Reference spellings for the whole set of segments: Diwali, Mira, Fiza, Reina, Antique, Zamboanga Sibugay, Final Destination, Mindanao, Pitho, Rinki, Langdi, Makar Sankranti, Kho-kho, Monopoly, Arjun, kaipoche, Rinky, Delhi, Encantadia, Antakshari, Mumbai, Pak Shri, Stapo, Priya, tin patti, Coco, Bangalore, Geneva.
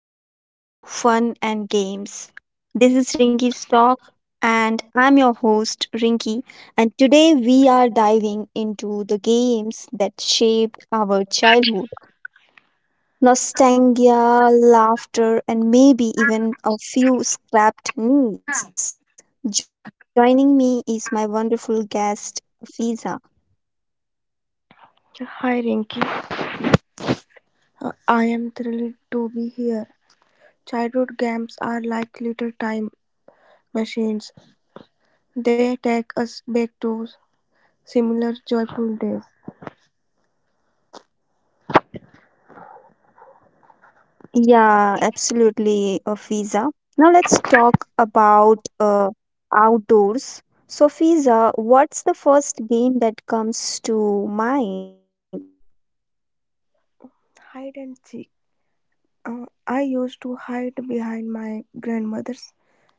Welcome to Fun and Games. This is Rinky's Talk and I'm your host Rinky, and today we are diving into the games that shaped our childhood. Nostalgia, laughter and maybe Hi even a few scrapped needs. Joining me is my wonderful guest Fiza. Rinki, I am thrilled to be here. Childhood games are like little time machines. They take us back to similar joyful days. Yeah, absolutely, Fiza. Now let's talk about outdoors. So, Fiza, what's the first game that comes to mind? Hide and seek. I used to hide behind my grandmother's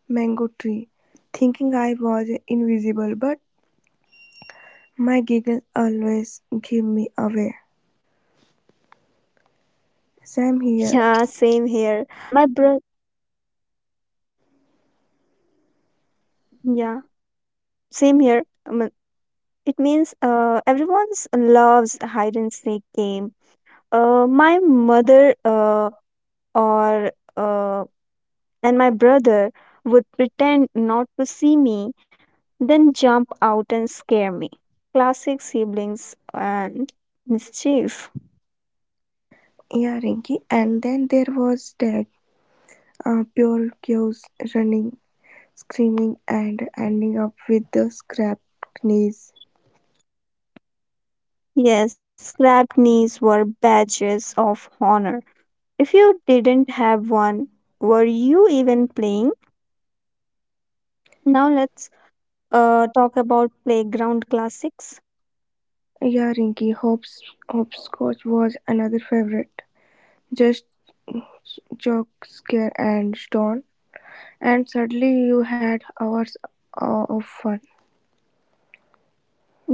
mango tree, thinking I was invisible, but my giggle always gave me away. Same here, Yeah, same here. My bro, yeah, same here. It means everyone's loves hide and seek game. My mother or and my brother would pretend not to see me, then jump out and scare me. Classic siblings and mischief. yeah, Rinky. And then there was that pure chaos running screaming and ending up with the scraped knees. Yes, grabbed knees were badges of honor. If you didn't have one, were you even playing? Now let's talk about playground classics. Yeah, Rinky, hopscotch was another favorite. Just jock, scare, and stone, and suddenly you had hours of fun.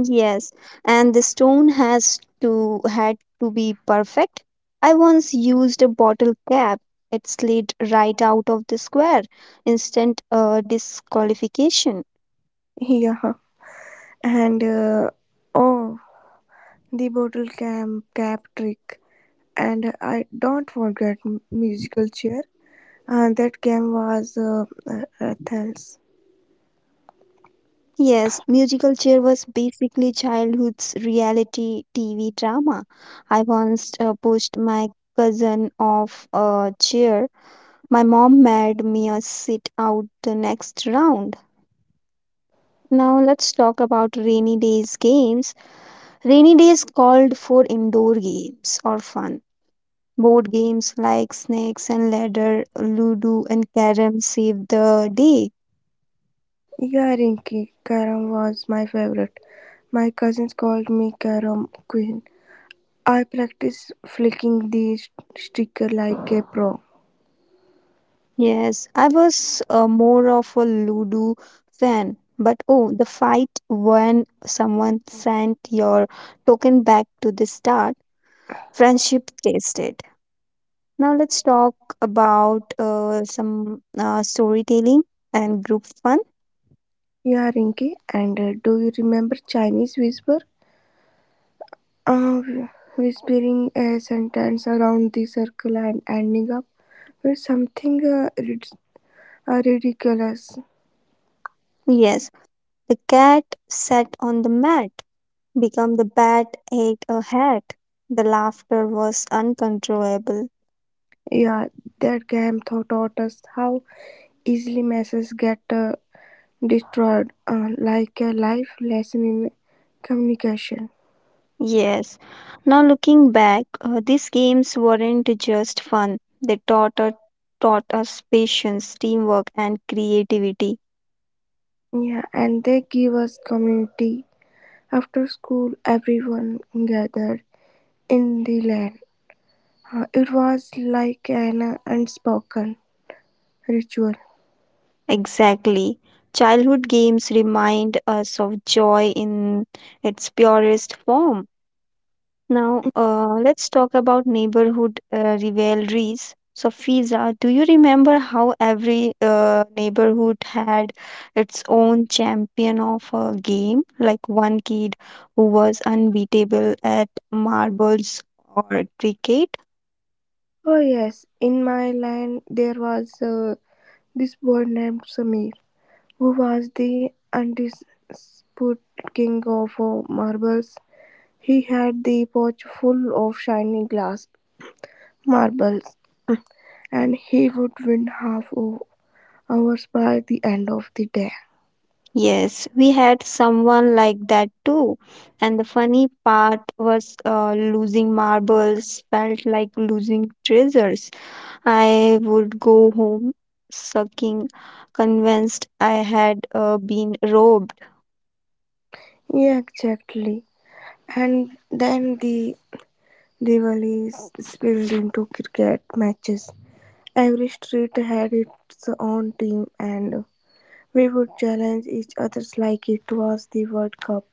Yes, and the stone has to had to be perfect. I once used a bottle cap. It slid right out of the square. Instant disqualification. Yeah, and oh, the bottle cam cap trick, and I don't forget musical chair. That game was Rathel's. Yes, musical chair was basically childhood's reality TV drama. I once pushed my cousin off a chair. My mom made me sit out the next round. Now let's talk about rainy days games. Rainy days called for indoor games or fun. Board games like snakes and ladder, ludo and carom saved the day. Yeah, Rinky, carom was my favorite. My cousins called me carom queen. I practiced flicking the sticker like a pro. Yes, I was more of a Ludo fan, but oh, the fight when someone sent your token back to the start, friendship tasted. Now let's talk about some storytelling and group fun. Yeah, Rinky, and do you remember Chinese whisper? Uh, whispering a sentence around the circle and ending up with something ridiculous. Yes, the cat sat on the mat, become the bat ate a hat. The laughter was uncontrollable. Yeah, that game taught us how easily messes get destroyed, like a life lesson in communication. Yes. Now looking back, these games weren't just fun. They taught us patience, teamwork, and creativity. Yeah, and they give us community. After school, everyone gathered in the land. It was like an unspoken ritual. Exactly. Childhood games remind us of joy in its purest form. Now, let's talk about neighborhood rivalries. So, Fiza, do you remember how every neighborhood had its own champion of a game? Like one kid who was unbeatable at marbles or cricket? Oh, yes, in my land, there was this boy named Samir, who was the undisputed king of marbles. He had the pouch full of shiny glass marbles and he would win half hours by the end of the day. Yes, we had someone like that too. And the funny part was, losing marbles felt like losing treasures. I would go home sucking, convinced I had been robbed. Yeah, exactly. And then the rivalries spilled into cricket matches. Every street had its own team, and we would challenge each other like it was the World Cup.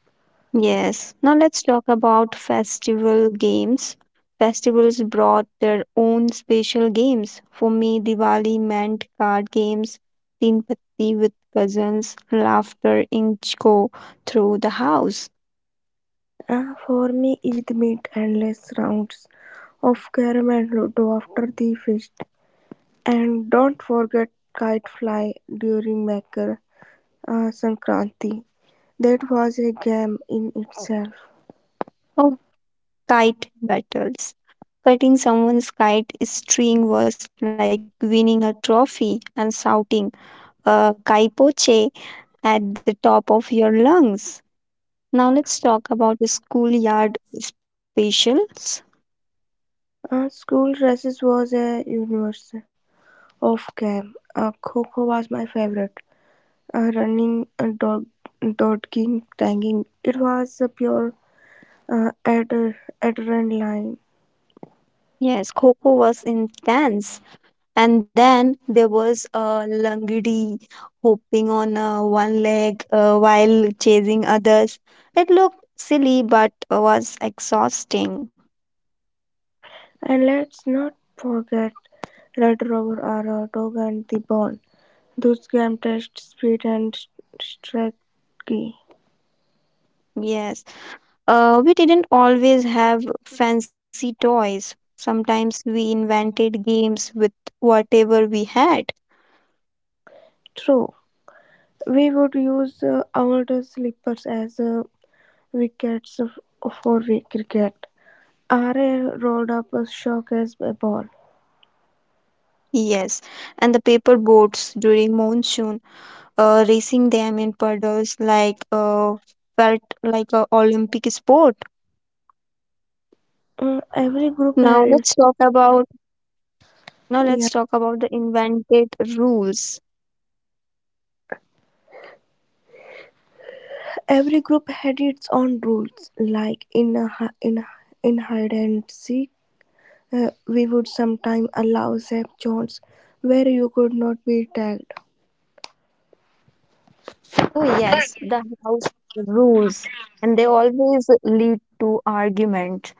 Yes, now let's talk about festival games. Festivals brought their own special games. For me, Diwali meant card games, tin patti with cousins, laughter inchko through the house. For me, it meant endless rounds of carom and ludo after the feast. And don't forget kite fly during Makar Sankranti. That was a game in itself. Oh, kite battles. Cutting someone's kite string was like winning a trophy and shouting kaipoche at the top of your lungs. Now let's talk about the schoolyard specials. School races was a universe of games. Kho-kho was my favorite. Running, dodging, tagging. It was a pure uh, ad- adrenaline. Yes, Coco was intense. And then there was a Langdi hopping on one leg while chasing others. It looked silly but was exhausting. And let's not forget Red Rover or Dog and the Bone. Those games test speed and strategy. Yes, we didn't always have fancy toys. Sometimes we invented games with whatever we had. True. We would use our slippers as wickets for cricket. Array rolled up a showcase ball. Yes, and the paper boats during monsoon, racing them in puddles, like felt like a Olympic sport. Uh, every group Now had its let's talk about now yeah, let's talk about the invented rules. every group had its own rules. Like in in hide and seek, we would sometimes allow safe zones where you could not be tagged. Oh, yes, the house rules, and they always lead to argument.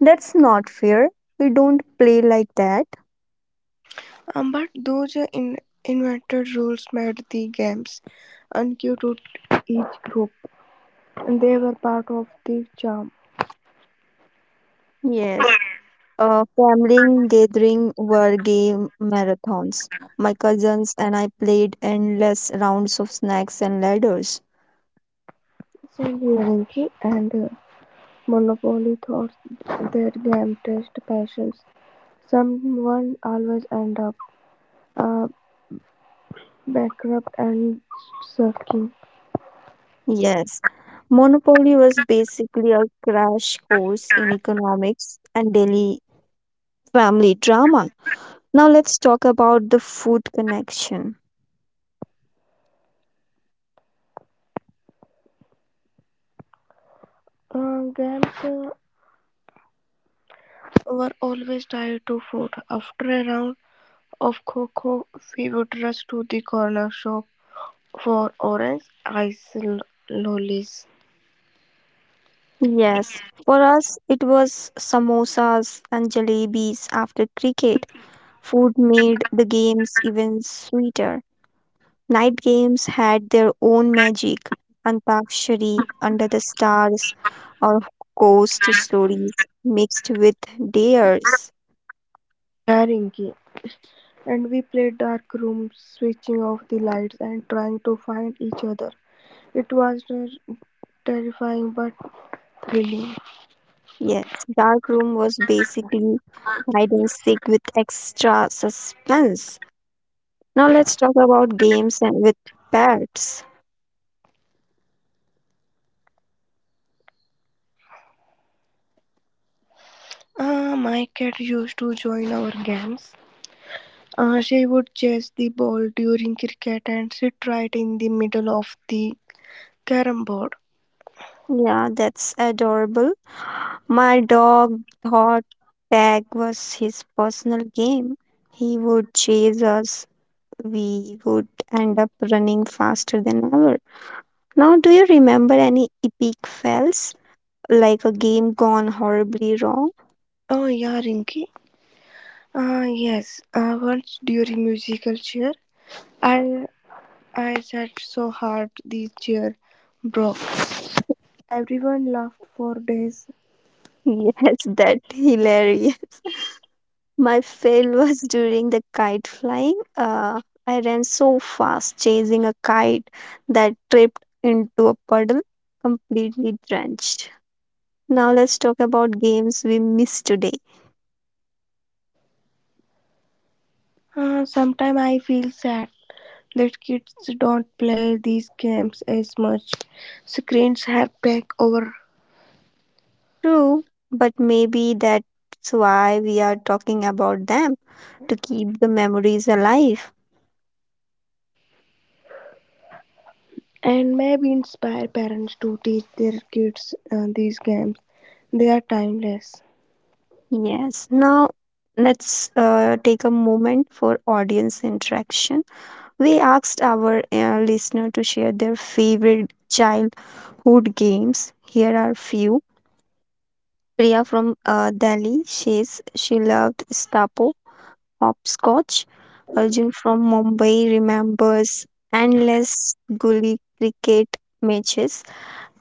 That's not fair. We don't play like that. But those invented rules made the games unqueue to each group. They were part of the charm. Yes. Family gathering were game marathons. My cousins and I endless rounds of snacks and ladders. Send you entry and Monopoly thoughts their game test patience. Someone always end up uh, bankrupt and sucking. Yes, Monopoly was basically a crash course in economics and daily family drama. Now let's talk about the food connection. Games were always tied to food. After a round of cocoa, we would rush to the corner shop for orange ice lollies, Yes, for us it was samosas and jalebis after cricket. Food made the games even sweeter. Night games had their own magic: Antakshari, Under the Stars, or ghost stories mixed with dares. Karingi, and we played dark rooms, switching off the lights and trying to find each other. It was terrifying but thrilling. Yes, Dark Room was basically hide and seek with extra suspense. Now let's talk about games and with pets. My cat used to join our games. She would chase the ball during cricket and sit right in the middle of the carom board. Yeah, that's adorable. My dog thought tag was his personal game. He would chase us, we would end up running faster than ever. Now, do you remember any epic fails? Like a game gone horribly wrong? Oh yeah, Rinky. Yes, once during musical chair, I I sat so hard the chair broke. Everyone laughed for days. Yes, that hilarious. My fail was during the kite flying. I ran so fast chasing a kite that tripped into a puddle, completely drenched. Now let's talk about games we missed today. Sometimes I feel sad that kids don't play these games as much. Screens have taken over, True, but maybe that's why we are talking about them, to keep the memories alive. and maybe inspire parents to teach their kids these games. They are timeless. Yes, now let's take a moment for audience interaction. We asked our listener to share their favorite childhood games. Here are few. Priya from Delhi says she loved Stapo, Hopscotch. Arjun from Mumbai remembers endless gully cricket matches.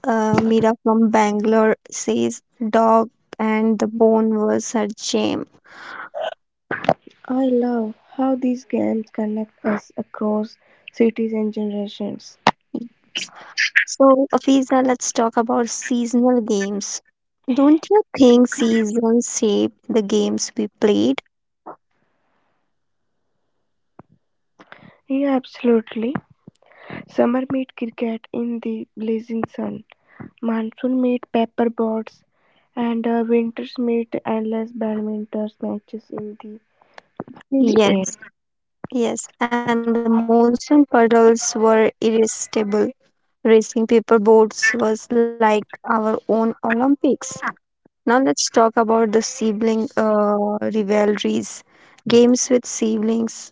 Mira from Bangalore says dog and the bone was her jam. I love how these games connect us across cities and generations. So, Afiza, let's talk about seasonal games. Don't you think seasons shape the games we played? Yeah, absolutely. Summer meet cricket in the blazing sun. Monsoon meet paper boats, and winters meet endless badminton matches in the chilly air. Yes, yes. And the monsoon puddles were irresistible. Racing paper boats was like our own Olympics. Now let's talk about the sibling rivalries. Games with siblings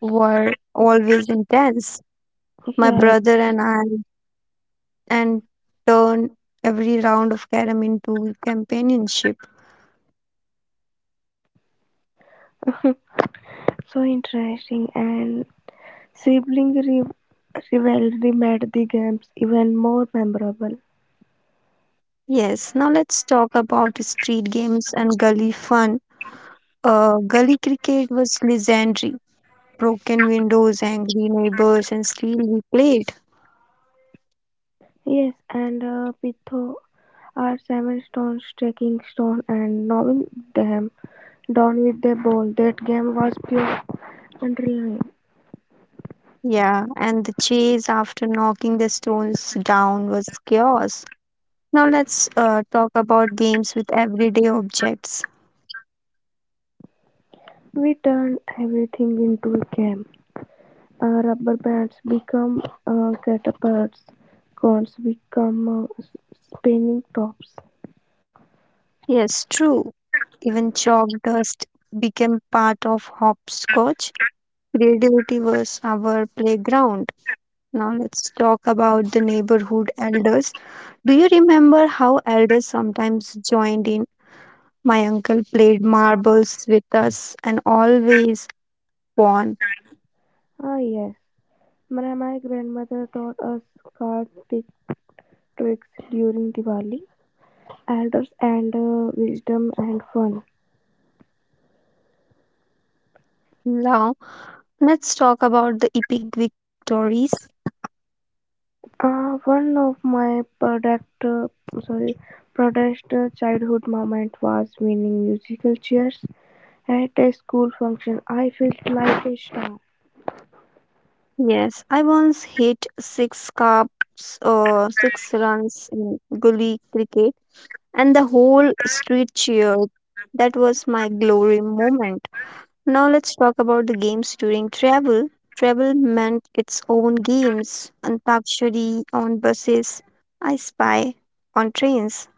were always intense. My Yeah, brother and I and turned every round of carom into companionship. so interesting, and sibling rivalry made the games even more memorable. Yes, now let's talk about street games and gully fun. Gully cricket was legendary. Broken windows, angry neighbors, and still we played. Yes, and Pitho are seven stones taking stone and knocking them down with a ball. That game was pure adrenaline. Yeah, and the chase after knocking the stones down was chaos. Now let's talk about games with everyday objects. We turned everything into a game. Rubber bands become catapults. Cones become spinning tops. Yes, true. Even chalk dust became part of hopscotch. Creativity was our playground. Now let's talk about the neighborhood elders. Do you remember how elders sometimes joined in? My uncle played marbles with us and always won. Ah yes, my grandmother taught us card tricks during Diwali. Elders and wisdom and fun. Now let's talk about the epic victories. One of my sorry, proudest childhood moment was winning musical chairs at a school function. I felt like a star. Yes, I once hit six cups, six runs in gully cricket and the whole street cheered. That was my glory moment. Now let's talk about the games during travel. Travel meant its own games. Antakshari on buses, I Spy on trains.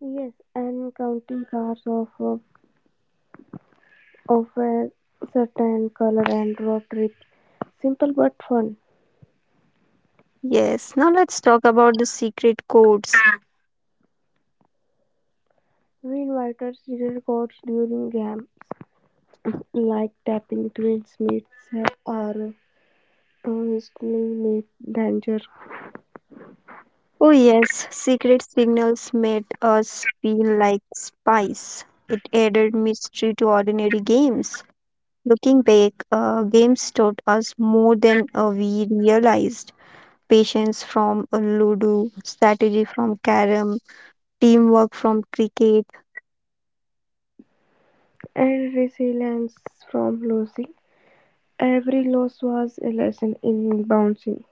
Yes, and counting cars of a certain color and road trip, simple but fun. Yes, now let's talk about the secret codes. We invited serial codes during games like tapping twins meets or whistling meet danger. Oh, yes, secret signals made us feel like spies. It added mystery to ordinary games. Looking back, games taught us more than we realized. Patience from a Ludo, strategy from Carom, teamwork from cricket. And resilience from losing. Every loss was a lesson in bouncing.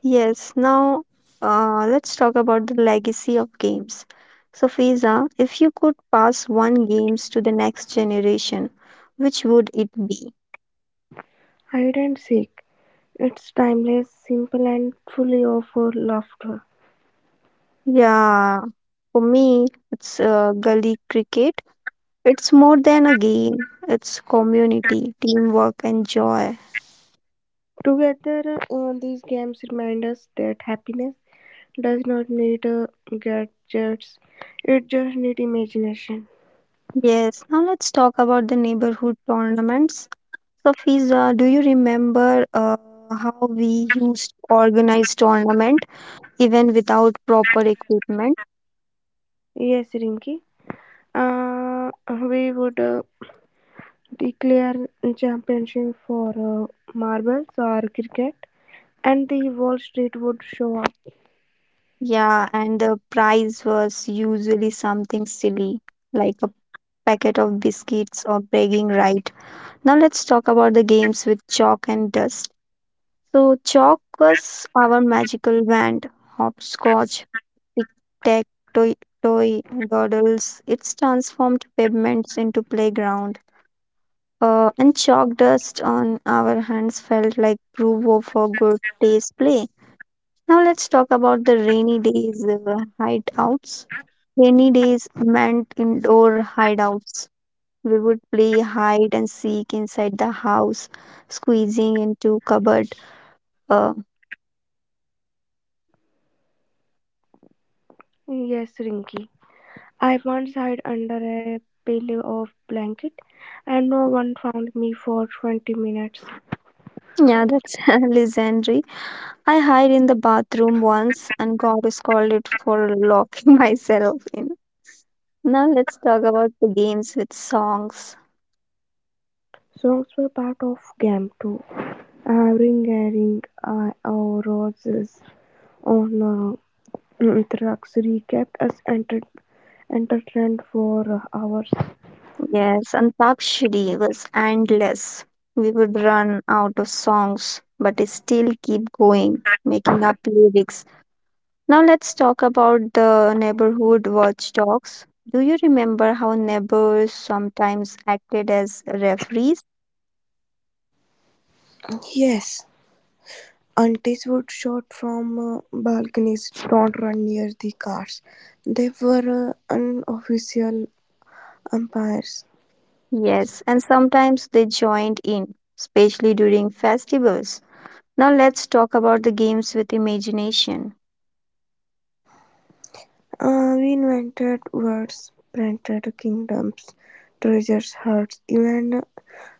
Yes, now let's talk about the legacy of games. So, Fiza, if you could pass one games to the next generation, which would it be? Hide and Seek. It's timeless, simple, and fully of laughter. Yeah, for me, it's gully cricket. It's more than a game. It's community, teamwork, and joy. Together, these games remind us that happiness does not need gadgets, it just needs imagination. Yes, now let's talk about the neighborhood tournaments. So, Fiza, do you remember how we used to organize tournament even without proper equipment? Yes, Rinki. Uh, we would declare championship for marbles or cricket, and the Wall Street would show up. Yeah, and the prize was usually something silly, like a packet of biscuits or bragging right. Now let's talk about the games with chalk and dust. So chalk was our magical wand: hopscotch, tic-tac-toe, toy, doodles. It's transformed pavements into playground. And chalk dust on our hands felt like proof of a good day's play. Now let's talk about the rainy days hideouts. Rainy days meant indoor hideouts. We would play hide and seek inside the house, squeezing into cupboard. Uh, Yes, Rinki. I once hid under a pillow of blanket and no one found me for 20 minutes. yeah, that's legendary. I hid in the bathroom once and got scolded for locking myself in. Now let's talk about the games with songs. Songs were part of game too. Ring a ring our roses on Traxery kept us entertained for hours. Yes, and Pak Shri was endless. We would run out of songs, but still keep going, making up lyrics. Now let's talk about the neighborhood watchdogs. Do you remember how neighbors sometimes acted as referees? Yes, aunties would shout from balconies, don't run near the cars. They were unofficial umpires. Yes, and sometimes they joined in, especially during festivals. Now let's talk about the games with imagination. We invented words, printed kingdoms, treasures, hearts, even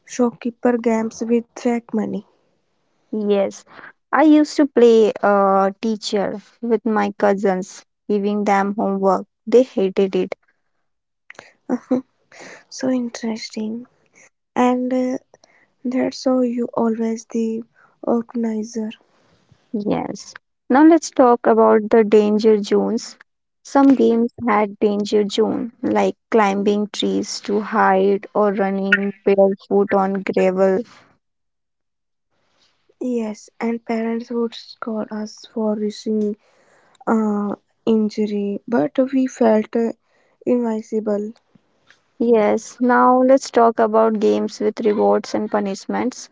shopkeeper games with fake money. Yes, I used to play teacher with my cousins, giving them homework. They hated it. So interesting. And that's how you always the organizer. Yes. Now let's talk about the danger zones. Some games had danger zone, like climbing trees to hide or running barefoot on gravel. Yes, and parents would scold us for wishing uh, injury, but we felt invincible. Yes. Now let's talk about games with rewards and punishments.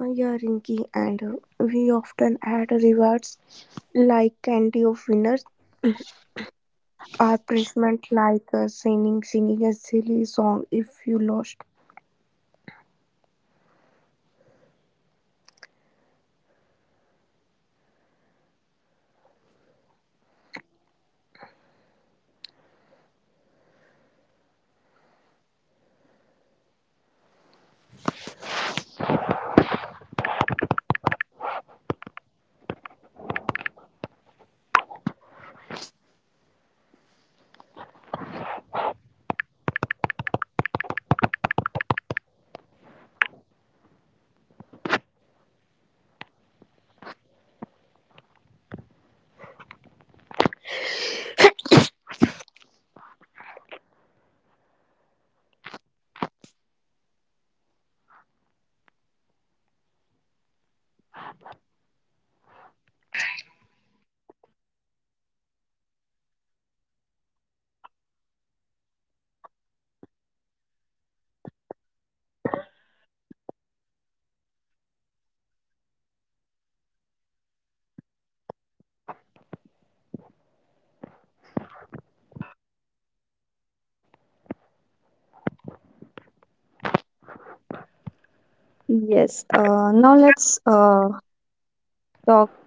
Yeah, Rinky, and we often had rewards like candy of winners. Are punishment like singing singing a silly song if you lost. Yes, now let's talk about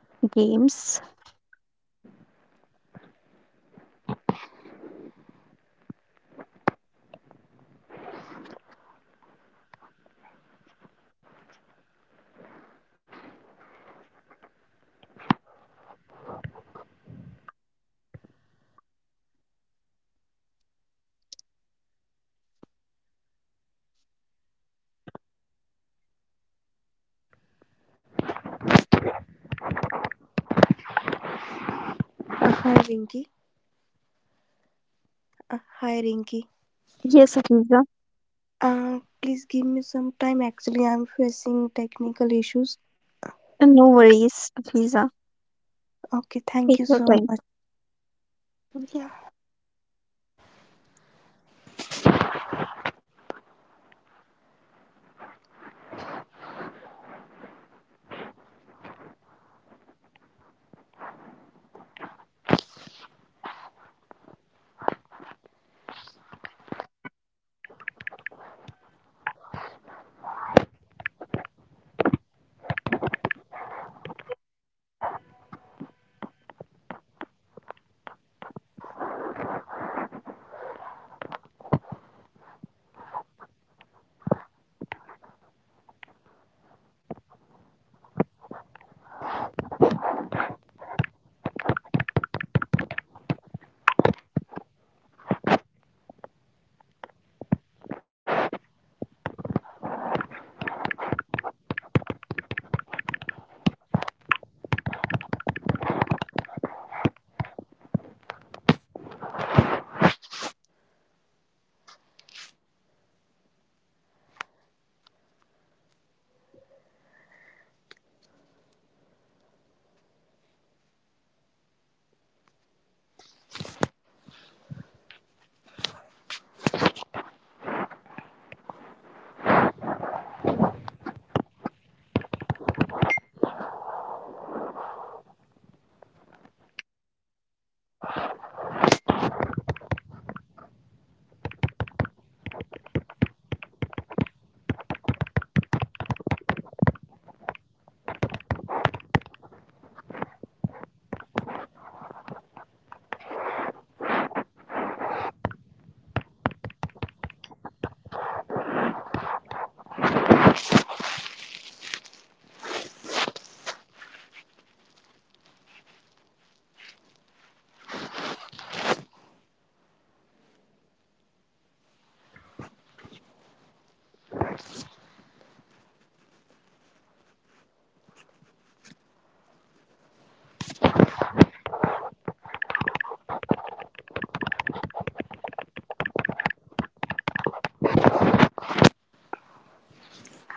games. Hi Rinky. Hi Rinky. Yes, Afiza. Please give me some time. Actually, I'm facing technical issues. No worries, Afiza. Okay, thank Take you your so time. much. Yeah.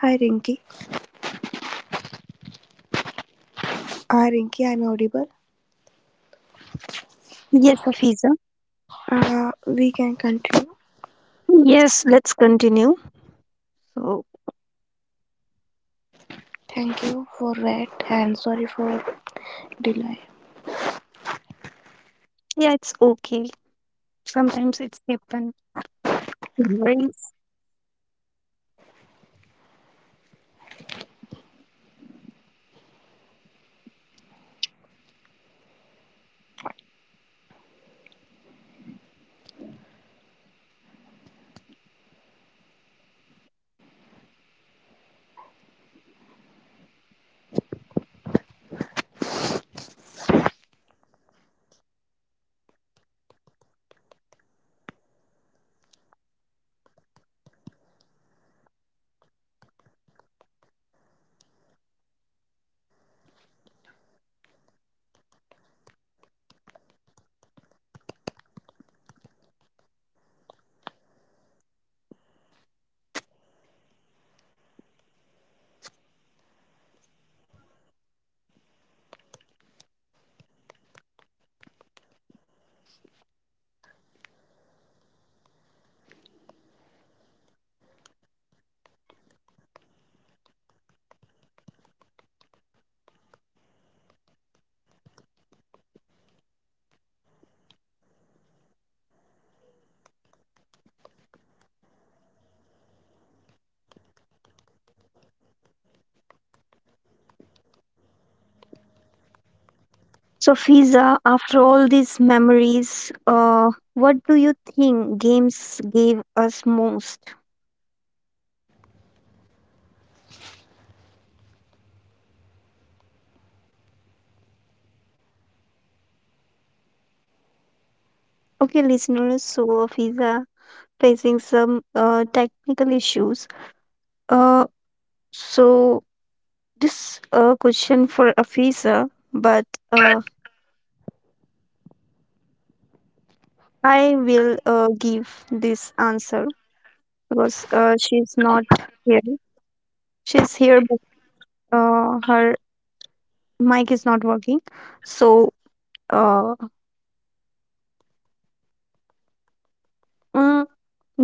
Hi Rinky. Rinky, I'm audible. Yes, Afiza. We can continue. Yes, let's continue. So, Thank you for that and sorry for delay. yeah, it's okay. Sometimes it's happen. No worries. So, Fiza, after all these memories, what do you think games gave us most? Okay, listeners, so Fiza facing some technical issues. Uh, So this question for Afisa, but uh, I will give this answer because she's not here. She's here, but her mic is not working. So uh, mm,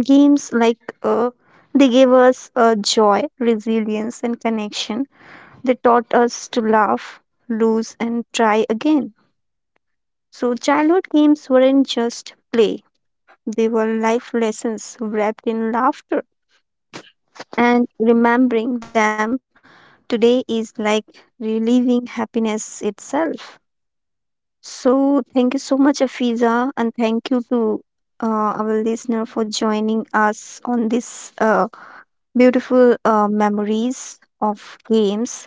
games like they gave us joy, resilience, and connection. They taught us to laugh, lose, and try again. So childhood games weren't just play; they were life lessons wrapped in laughter, and remembering them today is like relieving happiness itself. So, thank you so much, Afiza, and thank you to uh, our listener for joining us on this beautiful memories of games.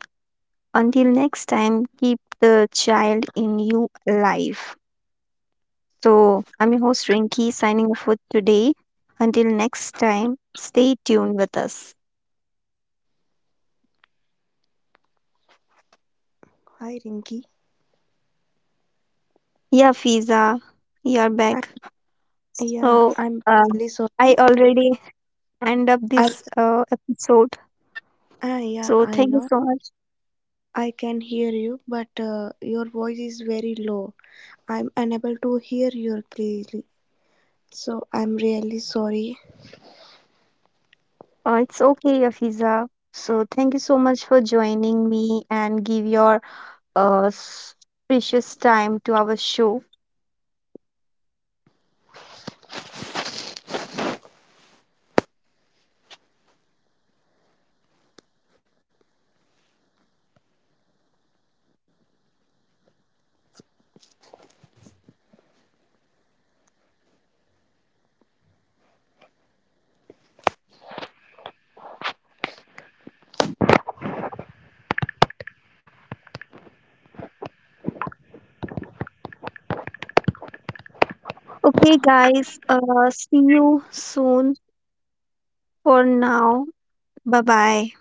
Until next time, keep the child in you alive. So, I'm your host Rinki, signing off for today. Until next time, stay tuned with us. Hi Rinky. Yeah, Fiza, you're I, back. yeah, So I'm uh, really sorry. I already end up I, this episode. Yeah, So I thank you know. so much. I can hear you, but your voice is very low. I'm unable to hear you clearly, so I'm really sorry. It's okay, Afiza. So thank you so much for joining me and give your uh, s- precious time to our show. Okay, guys. See you soon. For now, bye bye.